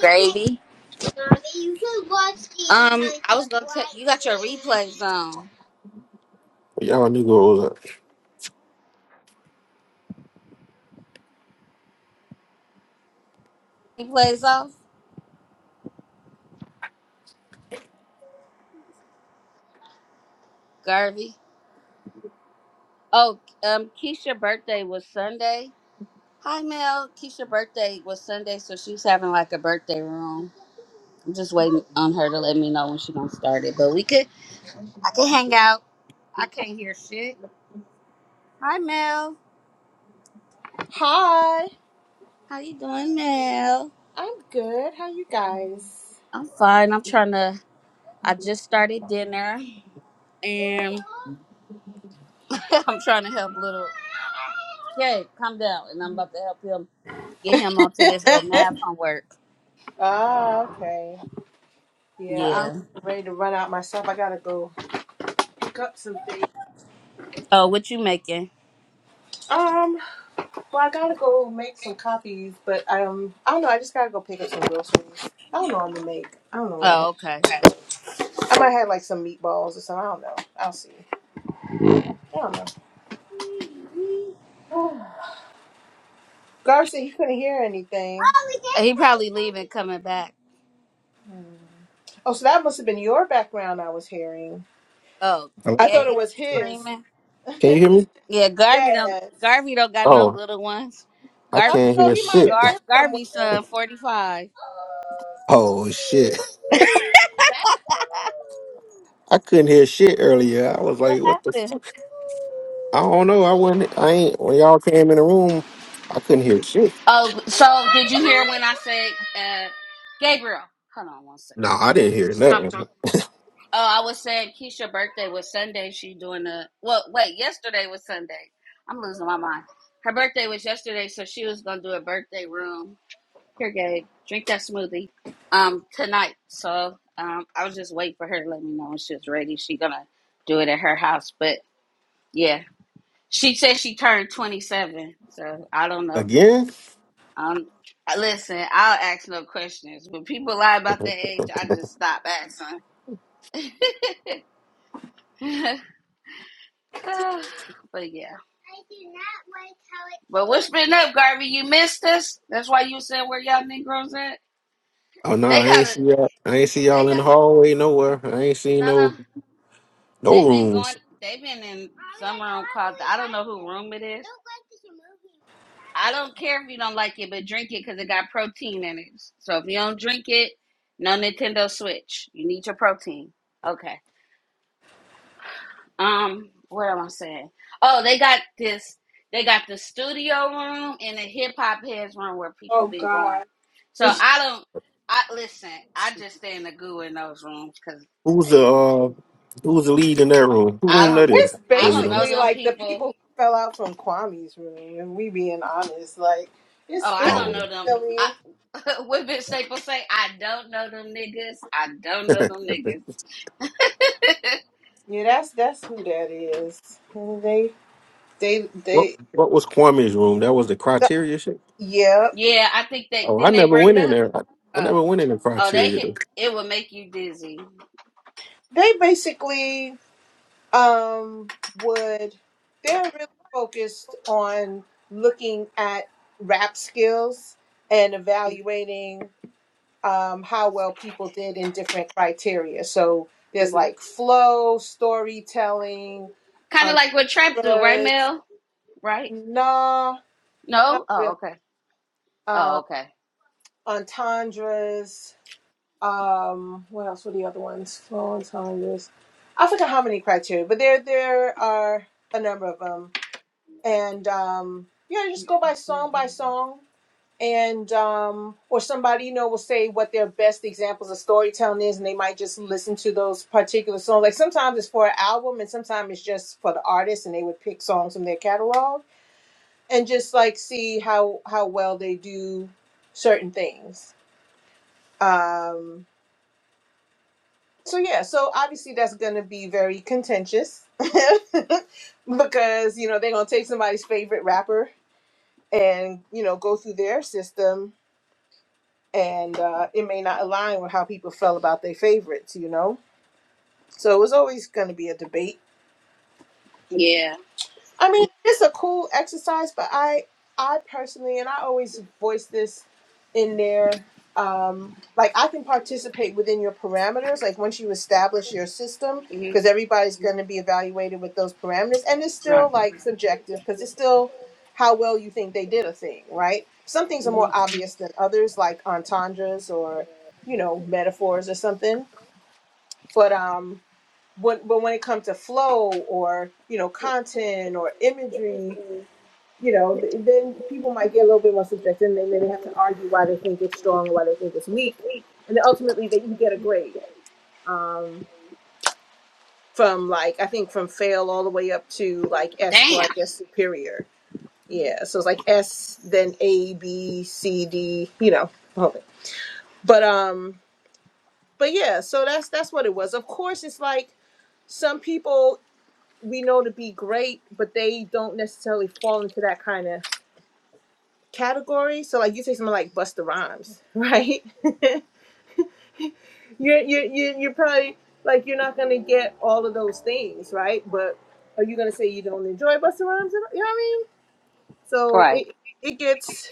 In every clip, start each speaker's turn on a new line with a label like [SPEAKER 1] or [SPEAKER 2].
[SPEAKER 1] Gravy. Um, I was gonna tell you got your replays on.
[SPEAKER 2] Where Y'all new girls. at?
[SPEAKER 1] Replays off, Garvey. Oh, um, Keisha's birthday was Sunday. Hi, Mel. Keisha's birthday was Sunday, so she's having like a birthday room. I'm just waiting on her to let me know when she's gonna start it. But we could, I could hang out. I can't hear shit. Hi, Mel.
[SPEAKER 3] Hi,
[SPEAKER 1] How you doing, Mel?
[SPEAKER 3] I'm good. How you guys?
[SPEAKER 1] I'm fine. I'm trying to. I just started dinner, and I'm trying to help little. Okay, calm down, and I'm about to help him get him onto this little math homework.
[SPEAKER 3] Ah, okay. Yeah, I'm
[SPEAKER 1] Yeah.
[SPEAKER 3] ready to run out myself. I gotta go pick up some things.
[SPEAKER 1] Oh, what you making?
[SPEAKER 3] Um, well, I gotta go make some copies, but um, I don't know. I just gotta go pick up some groceries. I don't know what I'm gonna make. I don't know what I
[SPEAKER 1] Oh, okay.
[SPEAKER 3] have. I might have like some meatballs or something. I don't know. I'll see. I don't know. Garcia, you couldn't hear anything.
[SPEAKER 1] He probably leaving, coming back.
[SPEAKER 3] Hmm. Oh, so that must have been your background I was hearing.
[SPEAKER 1] Oh,
[SPEAKER 2] Hello?
[SPEAKER 3] I thought it
[SPEAKER 1] Gabe
[SPEAKER 3] was his.
[SPEAKER 1] screaming.
[SPEAKER 2] Can you hear me?
[SPEAKER 1] Yeah, Garvey don't.
[SPEAKER 3] Yes.
[SPEAKER 1] Garvey don't got no
[SPEAKER 2] Oh,
[SPEAKER 1] little ones.
[SPEAKER 2] I
[SPEAKER 3] I
[SPEAKER 1] Garvey,
[SPEAKER 2] can't
[SPEAKER 3] don't know.
[SPEAKER 2] hear
[SPEAKER 3] He might
[SPEAKER 2] shit.
[SPEAKER 3] have
[SPEAKER 1] Gar,
[SPEAKER 3] been somewhere
[SPEAKER 1] Garvey's son, forty five.
[SPEAKER 2] Oh shit.
[SPEAKER 3] back
[SPEAKER 2] I couldn't hear shit earlier. I was
[SPEAKER 1] What
[SPEAKER 2] like, what the
[SPEAKER 1] happened?
[SPEAKER 2] fuck? I don't know. I wasn't, I ain't, when y'all came in the room, I couldn't hear shit.
[SPEAKER 1] Oh, so
[SPEAKER 3] that
[SPEAKER 1] did you hear
[SPEAKER 3] year.
[SPEAKER 1] when I said, uh, Gabriel? Hold on one
[SPEAKER 2] No,
[SPEAKER 1] second.
[SPEAKER 2] I didn't hear
[SPEAKER 1] Stop
[SPEAKER 2] nothing.
[SPEAKER 1] Oh, I was saying Keisha's birthday was Sunday. She doing a well. Wait, yesterday was Sunday. I'm losing my mind. Her birthday was yesterday, so she was gonna do a birthday room. Here, Gabe, drink that smoothie. Um, tonight. So, um, I was just waiting for her to let me know when she was ready. She gonna do it at her house, but yeah, she said she turned 27. So I don't know.
[SPEAKER 2] Again?
[SPEAKER 1] Um, listen, I'll ask no questions. When people lie about their age, I just stop asking. but yeah. But what's been up, Garvey? You missed us. That's why you said where y'all Negroes at.
[SPEAKER 2] Oh no,
[SPEAKER 1] They
[SPEAKER 2] I
[SPEAKER 1] got
[SPEAKER 2] ain't
[SPEAKER 1] a.
[SPEAKER 2] see y'all, I ain't see
[SPEAKER 1] They
[SPEAKER 2] y'all in
[SPEAKER 1] got
[SPEAKER 2] the hallway nowhere. I ain't seen
[SPEAKER 1] no, no.
[SPEAKER 2] no, no
[SPEAKER 1] They've been going.
[SPEAKER 2] rooms.
[SPEAKER 1] They've been in some room called. I don't know who room it is. I don't care if you don't like it, but drink it because it got protein in it. So if you don't drink it, no Nintendo Switch. You need your protein. Okay. Um, what am I saying? Oh, they got this. They got the studio room and the hip hop heads room where people
[SPEAKER 3] Oh
[SPEAKER 1] been going.
[SPEAKER 3] God.
[SPEAKER 1] So I don't. I listen. I just stay in the goo in those rooms because
[SPEAKER 2] Who's the,
[SPEAKER 1] it.
[SPEAKER 2] uh, who's the lead in that room? Who
[SPEAKER 1] I
[SPEAKER 2] room that
[SPEAKER 1] don't.
[SPEAKER 2] is?
[SPEAKER 3] It's
[SPEAKER 1] I
[SPEAKER 2] Oh, you
[SPEAKER 1] don't
[SPEAKER 2] don't know?
[SPEAKER 1] know
[SPEAKER 3] basically
[SPEAKER 1] them
[SPEAKER 3] like the
[SPEAKER 1] people.
[SPEAKER 3] people who fell out from Kwame's room, and we being honest, like
[SPEAKER 1] Oh,
[SPEAKER 3] it's
[SPEAKER 1] I
[SPEAKER 3] it's
[SPEAKER 1] don't
[SPEAKER 2] Oh.
[SPEAKER 1] know them. I,
[SPEAKER 3] silly.
[SPEAKER 1] what Vince Staples say? I don't know them niggas. I don't know them niggas.
[SPEAKER 3] Yeah, that's that's who that is. And they they
[SPEAKER 2] What,
[SPEAKER 3] they
[SPEAKER 2] what was Kwame's room? That was the
[SPEAKER 3] th-
[SPEAKER 2] criteria shit?
[SPEAKER 3] yeah.
[SPEAKER 1] Yeah, I think they
[SPEAKER 2] Oh, I
[SPEAKER 1] didn't they
[SPEAKER 2] never
[SPEAKER 1] break
[SPEAKER 2] went in
[SPEAKER 1] up.
[SPEAKER 2] there. I, I
[SPEAKER 1] Oh,
[SPEAKER 2] never went in the
[SPEAKER 1] oh, they
[SPEAKER 2] criteria.
[SPEAKER 1] hit.
[SPEAKER 2] Though.
[SPEAKER 1] It will make you dizzy.
[SPEAKER 3] They basically um would they're really focused on looking at rap skills and
[SPEAKER 1] hmm
[SPEAKER 3] evaluating um, how well people did in different criteria. So there's
[SPEAKER 1] Kind
[SPEAKER 3] like flow, storytelling,
[SPEAKER 1] of like what Trap do, right,
[SPEAKER 3] entendres,
[SPEAKER 1] Mel? right?
[SPEAKER 3] nah,
[SPEAKER 1] No?
[SPEAKER 3] not
[SPEAKER 1] Oh,
[SPEAKER 3] really,
[SPEAKER 1] okay. Oh,
[SPEAKER 3] um,
[SPEAKER 1] okay.
[SPEAKER 3] entendres. Um, what else were the other ones? Flow, entendres. I forgot how many criteria, but there there are a number of them, and um, yeah, just go by song by song and um or somebody you know will say what their best examples of storytelling is and they might just listen to those particular songs like sometimes it's for an album and sometimes it's just for the artist and they would pick songs from their catalog and just like see how how well they do certain things um so yeah so obviously that's gonna be very contentious because you know they're gonna take somebody's favorite rapper and you know go through their system and uh, it may not align with how people felt about their favorites, you know? So it was always going to be a debate.
[SPEAKER 1] Yeah.
[SPEAKER 3] I mean, it's a cool exercise, but I I personally and I always voice this in there. Um, like I can participate within your parameters. Like once you establish your system,
[SPEAKER 1] hmm
[SPEAKER 3] because everybody's going to be evaluated with those parameters, and it's
[SPEAKER 1] Right.
[SPEAKER 3] still like subjective because it's still how well you think they did a thing, right? Some things are
[SPEAKER 1] hmm
[SPEAKER 3] more obvious than others, like entendres or you know metaphors or something. But um, when but when it comes to flow or you know content or imagery, you know, then people might get a little bit more subjective, and then, then they have to argue why they think it's strong or why they think it's weak, and then ultimately that you get a grade um, from like I think from fail all the way up to like S for
[SPEAKER 1] Damn.
[SPEAKER 3] I guess superior. Yeah, so it's like S, then A, B, C, D, you know, the whole thing. But um, but yeah, so that's that's what it was. Of course, it's like some people we know to be great, but they don't necessarily fall into that kind of category. So like you say something like Busta Rhymes, right? you're you're you're you're probably like you're not gonna get all of those things, right? But are you gonna say you don't enjoy Busta Rhymes? You know what I mean? So
[SPEAKER 1] Right.
[SPEAKER 3] it it gets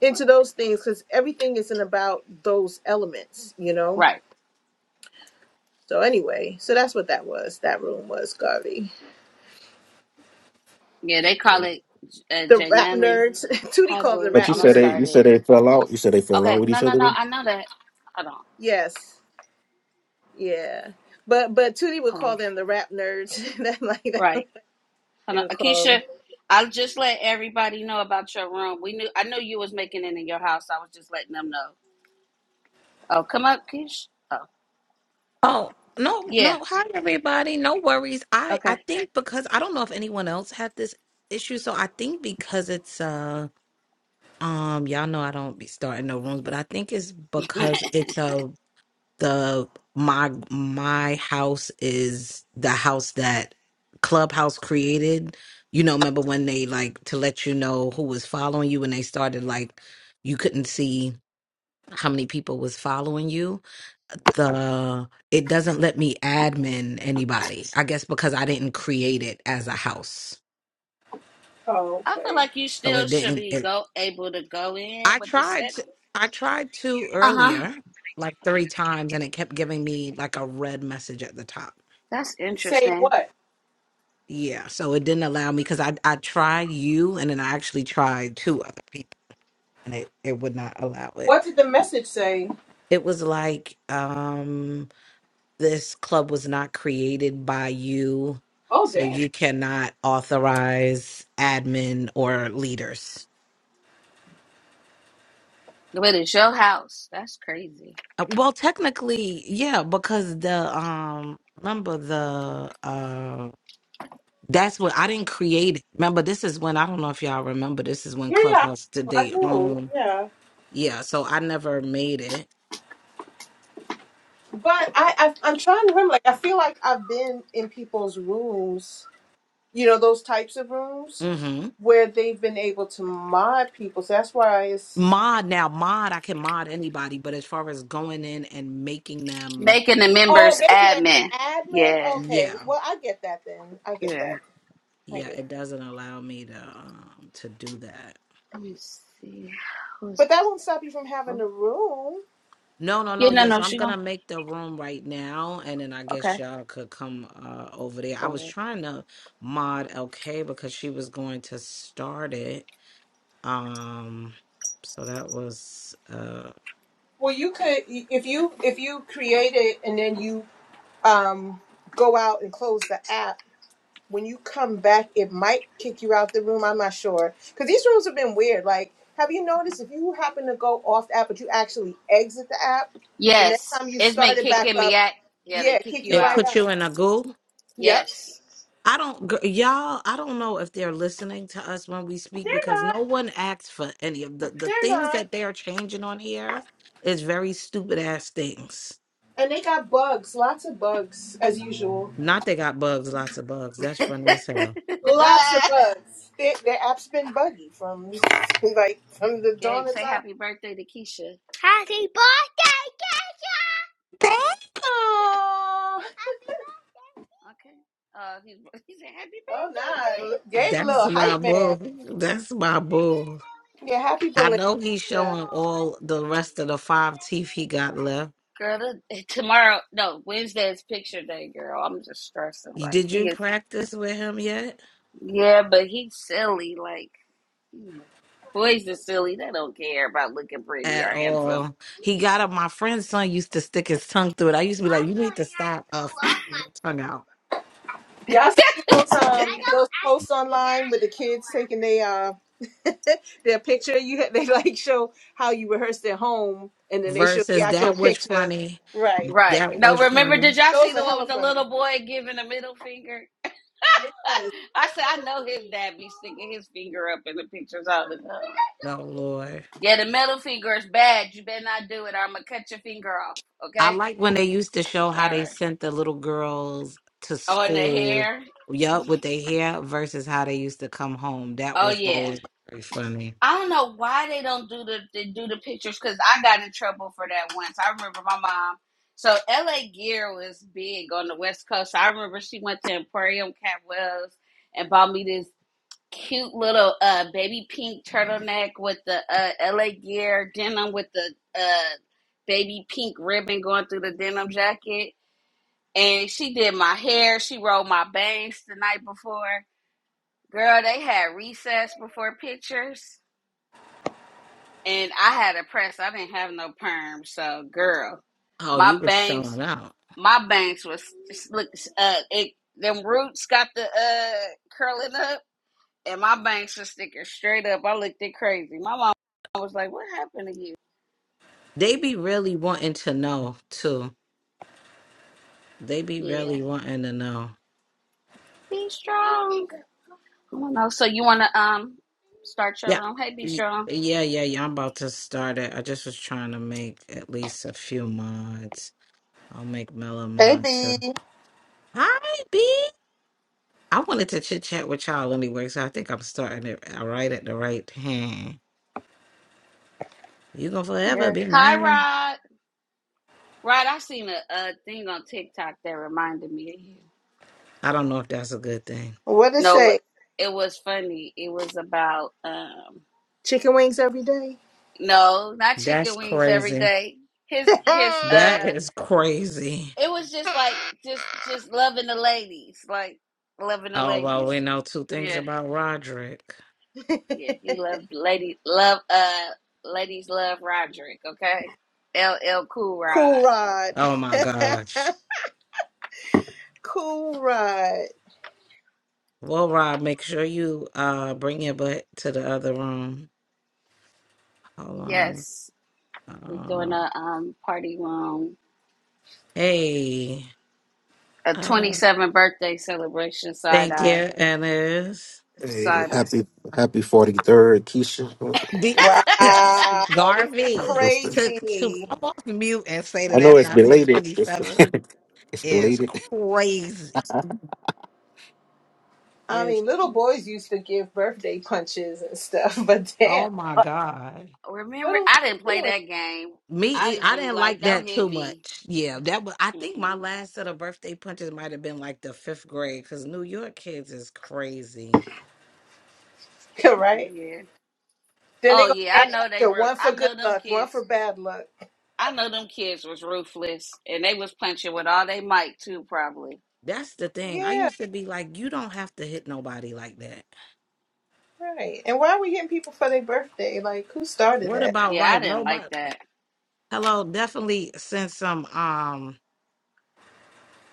[SPEAKER 3] into those things because everything isn't about those elements, you know.
[SPEAKER 1] Right.
[SPEAKER 3] So anyway, so that's what that was. That room was Garvey.
[SPEAKER 1] Yeah, they call it uh,
[SPEAKER 3] The
[SPEAKER 1] J
[SPEAKER 3] rap
[SPEAKER 1] Nunley.
[SPEAKER 3] nerds. Tootie
[SPEAKER 1] Hi,
[SPEAKER 3] called them the
[SPEAKER 1] boo.
[SPEAKER 2] But
[SPEAKER 3] rap
[SPEAKER 2] you
[SPEAKER 1] I'm going to
[SPEAKER 2] said
[SPEAKER 3] nerds.
[SPEAKER 2] they
[SPEAKER 1] start
[SPEAKER 2] you
[SPEAKER 1] it.
[SPEAKER 2] said they fell out. You said they fell out
[SPEAKER 1] Okay.
[SPEAKER 2] with
[SPEAKER 1] No,
[SPEAKER 2] each
[SPEAKER 1] no,
[SPEAKER 2] other.
[SPEAKER 1] no.
[SPEAKER 2] Though?
[SPEAKER 1] I know that. Hold on.
[SPEAKER 3] Yes. Yeah. But but Tootie would
[SPEAKER 1] Hold on.
[SPEAKER 3] call them the rap nerds. That like
[SPEAKER 1] Right. Hold
[SPEAKER 3] she
[SPEAKER 1] on.
[SPEAKER 3] would call.
[SPEAKER 1] Akeisha, I'll just let everybody know about your room. We knew. I knew you was making it in your house. I was just letting them know. Oh, come up, Keish. Oh,
[SPEAKER 4] Oh, no,
[SPEAKER 1] yeah.
[SPEAKER 4] no. Hi, everybody. No worries. I I
[SPEAKER 1] Okay.
[SPEAKER 4] think because I don't know if anyone else had this issue, so I think because it's uh um y'all know I don't be starting no rooms, but I think it's because it's uh the my my house is the house that Clubhouse created. You know, remember when they like to let you know who was following you and they started like you couldn't see how many people was following you the it doesn't let me admin anybody. I guess because I didn't create it as a house.
[SPEAKER 3] Oh,
[SPEAKER 1] I feel
[SPEAKER 3] okay.
[SPEAKER 1] like you
[SPEAKER 4] So
[SPEAKER 1] still
[SPEAKER 4] it
[SPEAKER 1] should
[SPEAKER 4] didn't
[SPEAKER 1] be
[SPEAKER 4] it
[SPEAKER 1] go able to go in
[SPEAKER 4] I
[SPEAKER 1] with the
[SPEAKER 4] tried to,
[SPEAKER 1] settings.
[SPEAKER 4] I tried to
[SPEAKER 1] Uh huh.
[SPEAKER 4] earlier like 3 times and it kept giving me like a red message at the top.
[SPEAKER 1] That's
[SPEAKER 3] Saying
[SPEAKER 1] interesting.
[SPEAKER 3] what?
[SPEAKER 4] Yeah, so it didn't allow me cuz I I tried you and then I actually tried two other people and it it would not allow it.
[SPEAKER 3] What did the message say?
[SPEAKER 4] It was like um, this club was not created by you,
[SPEAKER 3] Oh,
[SPEAKER 4] so
[SPEAKER 3] damn.
[SPEAKER 4] you cannot authorize admin or leaders.
[SPEAKER 1] But it's your house. That's crazy.
[SPEAKER 4] Uh, Well, technically, yeah, because the um remember the uh that's what I didn't create. it. Remember, this is when I don't know if y'all remember. This is when
[SPEAKER 3] Yeah, yeah,
[SPEAKER 4] Clubhouse did
[SPEAKER 3] I I
[SPEAKER 4] they
[SPEAKER 3] do.
[SPEAKER 4] own.
[SPEAKER 3] Yeah,
[SPEAKER 4] Yeah, so I never made it.
[SPEAKER 3] but I, I I'm trying to remember. Like, I feel like I've been in people's rooms. You know, those types of rooms
[SPEAKER 4] hmm
[SPEAKER 3] where they've been able to mod people. So that's why it's
[SPEAKER 4] Mod now, mod I can mod anybody, but as far as going in and making them,
[SPEAKER 1] Making the
[SPEAKER 3] oh,
[SPEAKER 1] members
[SPEAKER 3] make it
[SPEAKER 1] admin.
[SPEAKER 3] an admin.
[SPEAKER 1] Yeah.
[SPEAKER 3] Okay,
[SPEAKER 4] yeah.
[SPEAKER 3] well, I get that then. I get
[SPEAKER 1] Yeah.
[SPEAKER 3] that. I
[SPEAKER 4] Yeah,
[SPEAKER 3] get
[SPEAKER 4] it
[SPEAKER 3] that.
[SPEAKER 4] doesn't allow me to um to do that.
[SPEAKER 1] Let me see. Who's
[SPEAKER 3] But that won't stop you from having
[SPEAKER 1] oh.
[SPEAKER 3] the room.
[SPEAKER 4] No, no,
[SPEAKER 1] Yeah,
[SPEAKER 4] no.
[SPEAKER 1] no,
[SPEAKER 4] Yes,
[SPEAKER 1] no,
[SPEAKER 4] I'm
[SPEAKER 1] she gone.
[SPEAKER 4] gonna make the room right now, and then I guess
[SPEAKER 1] Okay.
[SPEAKER 4] y'all could come uh over there. I was
[SPEAKER 1] Over.
[SPEAKER 4] trying to mod LK because she was going to start it. Um, so that was uh,
[SPEAKER 3] Well, you could if you if you create it and then you um, go out and close the app, when you come back, it might kick you out the room. I'm not sure because these rooms have been weird. Like, have you noticed if you happen to go off the app, but you actually exit the app, the next
[SPEAKER 1] Yes.
[SPEAKER 3] time you
[SPEAKER 1] It's been
[SPEAKER 3] start it back
[SPEAKER 1] kicking
[SPEAKER 3] up,
[SPEAKER 1] me out. Yeah, they
[SPEAKER 3] yeah,
[SPEAKER 1] kick
[SPEAKER 3] kick you
[SPEAKER 1] you
[SPEAKER 4] it
[SPEAKER 3] right
[SPEAKER 1] out.
[SPEAKER 4] put
[SPEAKER 3] out.
[SPEAKER 4] you in a goo.
[SPEAKER 3] Yep,
[SPEAKER 1] Yes.
[SPEAKER 4] I don't, gr- y'all. I don't know if they're listening to us when we speak
[SPEAKER 3] they're
[SPEAKER 4] because
[SPEAKER 3] not.
[SPEAKER 4] no one asks for any of the the
[SPEAKER 3] They're
[SPEAKER 4] things
[SPEAKER 3] not.
[SPEAKER 4] that they are changing on here is very stupid ass things.
[SPEAKER 3] And they got bugs, lots of bugs as usual.
[SPEAKER 4] Not they got bugs, lots of bugs. That's funny as hell.
[SPEAKER 3] Lots of bugs. Their, their app's been buggy from like from the
[SPEAKER 1] Gabe,
[SPEAKER 3] dawn of
[SPEAKER 1] say
[SPEAKER 3] time.
[SPEAKER 1] happy birthday to Keisha.
[SPEAKER 4] That?
[SPEAKER 3] Oh,
[SPEAKER 1] Okay. Uh, he, he said happy
[SPEAKER 3] oh
[SPEAKER 1] birthday to
[SPEAKER 3] nah.
[SPEAKER 1] it,
[SPEAKER 3] Gabe a
[SPEAKER 4] That's
[SPEAKER 3] little
[SPEAKER 4] my
[SPEAKER 3] hype man.
[SPEAKER 4] boo. That's my boo.
[SPEAKER 3] Yeah, happy
[SPEAKER 4] I
[SPEAKER 3] belated.
[SPEAKER 4] know he's
[SPEAKER 3] Yeah.
[SPEAKER 4] showing all the rest of the five teeth he got left.
[SPEAKER 1] Girl, the- tomorrow, no, Wednesday is picture day, girl. I'm just stressing.
[SPEAKER 4] You-
[SPEAKER 1] Like,
[SPEAKER 4] Did
[SPEAKER 1] he
[SPEAKER 4] you
[SPEAKER 1] is
[SPEAKER 4] practice with him yet?
[SPEAKER 1] Yeah, but he's silly. Like, you know, boys are silly. They don't care about looking pretty
[SPEAKER 4] At
[SPEAKER 1] or handsome.
[SPEAKER 4] all. He got up. My friend's son used to stick his tongue through it. I used to be like, you need to stop uh, f***ing your tongue out.
[SPEAKER 3] Y'all see those um those posts online with the kids taking their uh their picture? You ha- they like show how you rehearsed at home, and then they show the
[SPEAKER 4] Versus
[SPEAKER 3] actual
[SPEAKER 4] that was
[SPEAKER 3] picture.
[SPEAKER 4] funny.
[SPEAKER 3] Right.
[SPEAKER 1] Right.
[SPEAKER 4] That
[SPEAKER 1] No,
[SPEAKER 4] was
[SPEAKER 1] remember,
[SPEAKER 4] funny.
[SPEAKER 1] did y'all see
[SPEAKER 3] Those
[SPEAKER 1] the
[SPEAKER 3] are
[SPEAKER 1] one with
[SPEAKER 3] hella
[SPEAKER 1] the
[SPEAKER 3] funny.
[SPEAKER 1] little boy giving a middle finger?
[SPEAKER 3] Yes.
[SPEAKER 1] I said, I know his dad be sticking his finger up in the pictures all the time.
[SPEAKER 4] No, Lord.
[SPEAKER 1] Yeah, the middle finger is bad. You better not do it or I'm going to cut your finger off.
[SPEAKER 4] I
[SPEAKER 1] Okay?
[SPEAKER 4] like when they used to show how
[SPEAKER 1] All
[SPEAKER 4] they
[SPEAKER 1] right.
[SPEAKER 4] sent the little girls to
[SPEAKER 1] Oh, and the
[SPEAKER 4] school,
[SPEAKER 1] hair.
[SPEAKER 4] yup, with their hair versus how they used to come home. That
[SPEAKER 1] Oh,
[SPEAKER 4] was
[SPEAKER 1] yeah.
[SPEAKER 4] always very funny.
[SPEAKER 1] I don't know why they don't do the they do the pictures because I got in trouble for that once. I remember my mom. So L.A. Gear was big on the West Coast. I remember she went to Emporium Catwells and bought me this cute little uh, baby pink turtleneck with the uh, L.A. Gear denim with the uh, baby pink ribbon going through the denim jacket. And she did my hair. She rolled my bangs the night before. Girl, they had recess before pictures. and I had a press. I didn't have no perm, so girl,
[SPEAKER 4] Oh,
[SPEAKER 1] my
[SPEAKER 4] you were
[SPEAKER 1] bangs,
[SPEAKER 4] showing out.
[SPEAKER 1] my bangs was look. Uh, it them roots got the uh curling up, and my bangs was sticking straight up. I looked it crazy. My mom was like, "What happened to you?"
[SPEAKER 4] They be really wanting to know too. They be
[SPEAKER 1] Yeah,
[SPEAKER 4] really wanting to know.
[SPEAKER 1] be strong. I don't know. So you wanna um start your
[SPEAKER 4] Yeah.
[SPEAKER 1] room? Hey, be
[SPEAKER 4] Y-
[SPEAKER 1] strong.
[SPEAKER 4] Yeah, yeah, yeah. I'm about to start it. I just was trying to make at least a few mods. I'll make Mela
[SPEAKER 3] Hey,
[SPEAKER 4] mod too.
[SPEAKER 3] B.
[SPEAKER 4] Hi, B. I wanted to chit chat with y'all anyway, so I think I'm starting it uh, right at the right hand. You gonna forever
[SPEAKER 1] Yes.
[SPEAKER 4] be
[SPEAKER 1] Hi,
[SPEAKER 4] mine.
[SPEAKER 1] Rod. Rod, I seen a, a thing on TikTok that reminded me of you.
[SPEAKER 4] I don't know if that's a good thing.
[SPEAKER 3] What it
[SPEAKER 1] No,
[SPEAKER 3] say?
[SPEAKER 1] it was funny. It was about um
[SPEAKER 3] Chicken wings every day.
[SPEAKER 1] No, not chicken
[SPEAKER 4] That's
[SPEAKER 1] wings every
[SPEAKER 4] crazy.
[SPEAKER 1] day. His his
[SPEAKER 4] That
[SPEAKER 1] uh
[SPEAKER 4] is crazy.
[SPEAKER 1] it was just like just just loving the ladies, like loving the
[SPEAKER 4] Oh well,
[SPEAKER 1] ladies.
[SPEAKER 4] we know two things
[SPEAKER 1] Yeah,
[SPEAKER 4] about Roderick.
[SPEAKER 1] yeah, he loved lady love uh ladies love Roderick, okay? L L Cool Rod.
[SPEAKER 3] cool rod.
[SPEAKER 4] Oh my gosh.
[SPEAKER 3] cool rod.
[SPEAKER 4] Well, Rob, make sure you uh bring your butt to the other room. Hold on.
[SPEAKER 1] Yes. We're doing
[SPEAKER 4] Um,
[SPEAKER 1] a um party room,
[SPEAKER 4] hey,
[SPEAKER 1] a
[SPEAKER 4] uh,
[SPEAKER 1] 27th birthday celebration side
[SPEAKER 4] thank
[SPEAKER 1] eye.
[SPEAKER 4] you, Ennis.
[SPEAKER 2] Hey,
[SPEAKER 1] Side eye.
[SPEAKER 2] happy happy forty third, Keisha.
[SPEAKER 3] Wow, this is
[SPEAKER 4] Garvey
[SPEAKER 2] That's the-
[SPEAKER 4] took to
[SPEAKER 3] crazy.
[SPEAKER 4] come off mute and say
[SPEAKER 2] I
[SPEAKER 4] that
[SPEAKER 2] know
[SPEAKER 4] after
[SPEAKER 2] it's
[SPEAKER 4] I said
[SPEAKER 2] belated. It's,
[SPEAKER 4] 27
[SPEAKER 2] it's
[SPEAKER 4] is
[SPEAKER 2] belated.
[SPEAKER 4] crazy.
[SPEAKER 3] I
[SPEAKER 4] Is
[SPEAKER 3] mean, little boys used to give birthday punches and stuff, but damn,
[SPEAKER 4] oh my
[SPEAKER 3] like,
[SPEAKER 4] god.
[SPEAKER 3] what
[SPEAKER 1] Remember
[SPEAKER 3] are
[SPEAKER 1] I didn't play
[SPEAKER 3] we
[SPEAKER 1] that game.
[SPEAKER 4] Me,
[SPEAKER 1] I
[SPEAKER 4] e-
[SPEAKER 1] used
[SPEAKER 4] I
[SPEAKER 1] to be
[SPEAKER 4] didn't like
[SPEAKER 1] like, don't
[SPEAKER 4] that
[SPEAKER 1] hit
[SPEAKER 4] too
[SPEAKER 1] me.
[SPEAKER 4] much. Yeah, that was. I think my
[SPEAKER 1] Mm-mm.
[SPEAKER 4] last set of birthday punches might have been like the fifth grade because New York kids is crazy.
[SPEAKER 3] doing? right?
[SPEAKER 1] Yeah.
[SPEAKER 3] Then they
[SPEAKER 1] Oh
[SPEAKER 3] gonna
[SPEAKER 1] yeah,
[SPEAKER 3] add
[SPEAKER 1] I know they
[SPEAKER 3] extra
[SPEAKER 1] were.
[SPEAKER 3] one for
[SPEAKER 1] I
[SPEAKER 3] good
[SPEAKER 1] know them
[SPEAKER 3] luck, one
[SPEAKER 1] kids.
[SPEAKER 3] for bad luck.
[SPEAKER 1] I know them kids was ruthless, and they was punching with all they might too. Probably.
[SPEAKER 4] That's the thing. I
[SPEAKER 3] Yeah,
[SPEAKER 4] used to be like, you don't have to hit nobody like that.
[SPEAKER 3] right. And why are we hitting people for their birthday? Like, who started
[SPEAKER 4] What
[SPEAKER 3] that?
[SPEAKER 4] about
[SPEAKER 1] Yeah, I
[SPEAKER 4] right?
[SPEAKER 1] didn't like
[SPEAKER 4] Nobody.
[SPEAKER 1] that.
[SPEAKER 4] Hello, definitely send some. Um,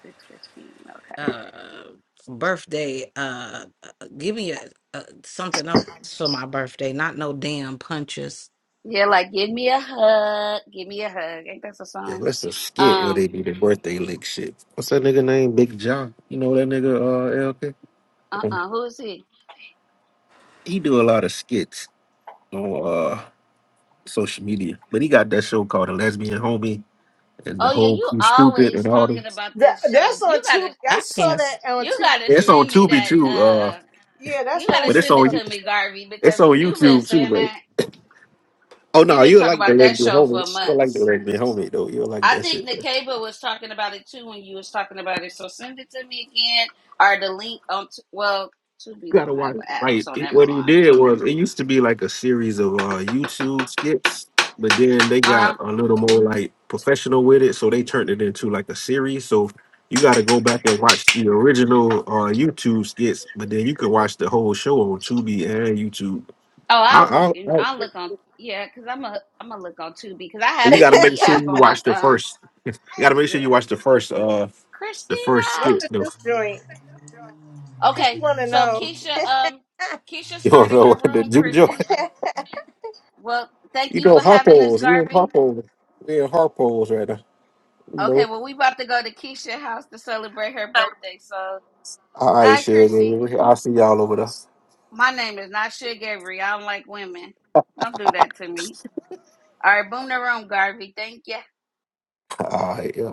[SPEAKER 1] Six fifteen. Okay.
[SPEAKER 4] uh birthday uh uh, give me a, a something else for my birthday not no damn punches
[SPEAKER 1] Yeah, like give me a hug, give me a hug. Ain't that a
[SPEAKER 2] Yeah,
[SPEAKER 1] song?
[SPEAKER 2] that's a skit where they
[SPEAKER 1] Um.
[SPEAKER 2] do the birthday lick shit. What's that nigga name? Big John. You know that nigga uh
[SPEAKER 1] Uh.
[SPEAKER 2] LK?
[SPEAKER 1] uh Who is he?
[SPEAKER 2] He do a lot of skits on uh social media. But he got that show called The Lesbian Homie and the
[SPEAKER 1] Oh yeah,
[SPEAKER 2] whole
[SPEAKER 1] you
[SPEAKER 2] crew stupid
[SPEAKER 1] always
[SPEAKER 2] and all
[SPEAKER 1] talking
[SPEAKER 2] them.
[SPEAKER 1] about
[SPEAKER 3] that
[SPEAKER 1] this show.
[SPEAKER 3] that's on
[SPEAKER 1] You gotta.
[SPEAKER 3] Tubi. I
[SPEAKER 4] i
[SPEAKER 3] saw
[SPEAKER 4] can't
[SPEAKER 3] that on
[SPEAKER 1] You gotta
[SPEAKER 2] Yeah, it's
[SPEAKER 3] Tubi.
[SPEAKER 2] on
[SPEAKER 1] send me
[SPEAKER 2] Tubi
[SPEAKER 1] that.
[SPEAKER 2] too, uh,
[SPEAKER 1] Uh.
[SPEAKER 3] Yeah,
[SPEAKER 1] You
[SPEAKER 3] that's where
[SPEAKER 1] gotta
[SPEAKER 2] but it's
[SPEAKER 1] send it
[SPEAKER 2] on you.
[SPEAKER 3] I
[SPEAKER 1] to me, Garvey,
[SPEAKER 2] It's
[SPEAKER 1] because
[SPEAKER 2] on
[SPEAKER 1] you've been
[SPEAKER 2] YouTube too,
[SPEAKER 1] saying
[SPEAKER 2] but
[SPEAKER 1] that.
[SPEAKER 2] Oh
[SPEAKER 1] You've
[SPEAKER 2] no,
[SPEAKER 1] been
[SPEAKER 2] you'll
[SPEAKER 1] talking
[SPEAKER 2] like the
[SPEAKER 1] about
[SPEAKER 2] Let
[SPEAKER 1] that
[SPEAKER 2] Me
[SPEAKER 1] show
[SPEAKER 2] Homie.
[SPEAKER 1] for
[SPEAKER 2] You'll like the
[SPEAKER 1] months.
[SPEAKER 2] lesbian homie though. You'll like
[SPEAKER 1] I
[SPEAKER 2] that
[SPEAKER 1] think
[SPEAKER 2] shit though. You
[SPEAKER 1] Nikaba was talking about it too when you was talking about it. So send it to me again, or the link on. T- well, Tubi
[SPEAKER 2] gotta
[SPEAKER 1] don't have
[SPEAKER 2] watch.
[SPEAKER 1] an
[SPEAKER 2] it.
[SPEAKER 1] app,
[SPEAKER 2] Like
[SPEAKER 1] so
[SPEAKER 2] it,
[SPEAKER 1] never
[SPEAKER 2] what he
[SPEAKER 1] mind.
[SPEAKER 2] did was, it used to be like a series of uh, YouTube skits, but then they
[SPEAKER 1] Uh,
[SPEAKER 2] got a little more like professional with it, so they turned it into like a series. So you got to go back and watch the original uh, YouTube skits, but then you can watch the whole show on Tubi and YouTube.
[SPEAKER 1] oh,
[SPEAKER 2] I,
[SPEAKER 1] I'll look
[SPEAKER 2] I,
[SPEAKER 1] in.
[SPEAKER 2] I,
[SPEAKER 1] I'll look on. Yeah, cause I'm a. I'm gonna look on Tubi because I
[SPEAKER 2] you
[SPEAKER 1] have
[SPEAKER 2] got to make
[SPEAKER 1] Tubi
[SPEAKER 2] sure
[SPEAKER 3] saw.
[SPEAKER 1] app
[SPEAKER 2] you
[SPEAKER 1] on my.
[SPEAKER 2] watch the
[SPEAKER 1] Uh,
[SPEAKER 2] first. You gotta make sure you
[SPEAKER 1] yeah,
[SPEAKER 2] watch the first uh the
[SPEAKER 1] Christina.
[SPEAKER 2] first
[SPEAKER 3] What's
[SPEAKER 2] skit.
[SPEAKER 3] the
[SPEAKER 2] though.
[SPEAKER 3] new joint? Cause you
[SPEAKER 1] Okay,
[SPEAKER 3] want to
[SPEAKER 1] so
[SPEAKER 3] know.
[SPEAKER 1] Keisha. Um, Keisha
[SPEAKER 2] You don't
[SPEAKER 1] started
[SPEAKER 2] know
[SPEAKER 1] her
[SPEAKER 2] what the
[SPEAKER 1] room,
[SPEAKER 2] juke joint.
[SPEAKER 1] Chrissy. Well, thank
[SPEAKER 2] You
[SPEAKER 1] you
[SPEAKER 2] know
[SPEAKER 1] for having us,
[SPEAKER 2] Harpo's. We in
[SPEAKER 1] Garvey.
[SPEAKER 2] Harpo's. We in Harpo's right now. You
[SPEAKER 1] Okay,
[SPEAKER 2] know.
[SPEAKER 1] well, we about to go to Keisha's house to celebrate her birthday. So,
[SPEAKER 2] All right,
[SPEAKER 1] hi, Chrissy.
[SPEAKER 2] sugar. I'll see y'all over there.
[SPEAKER 1] My name is not Shit Gabriel. I don't like women. Don't do that to me. All right, boom the room, Garvey. Thank you.
[SPEAKER 2] All right, yeah.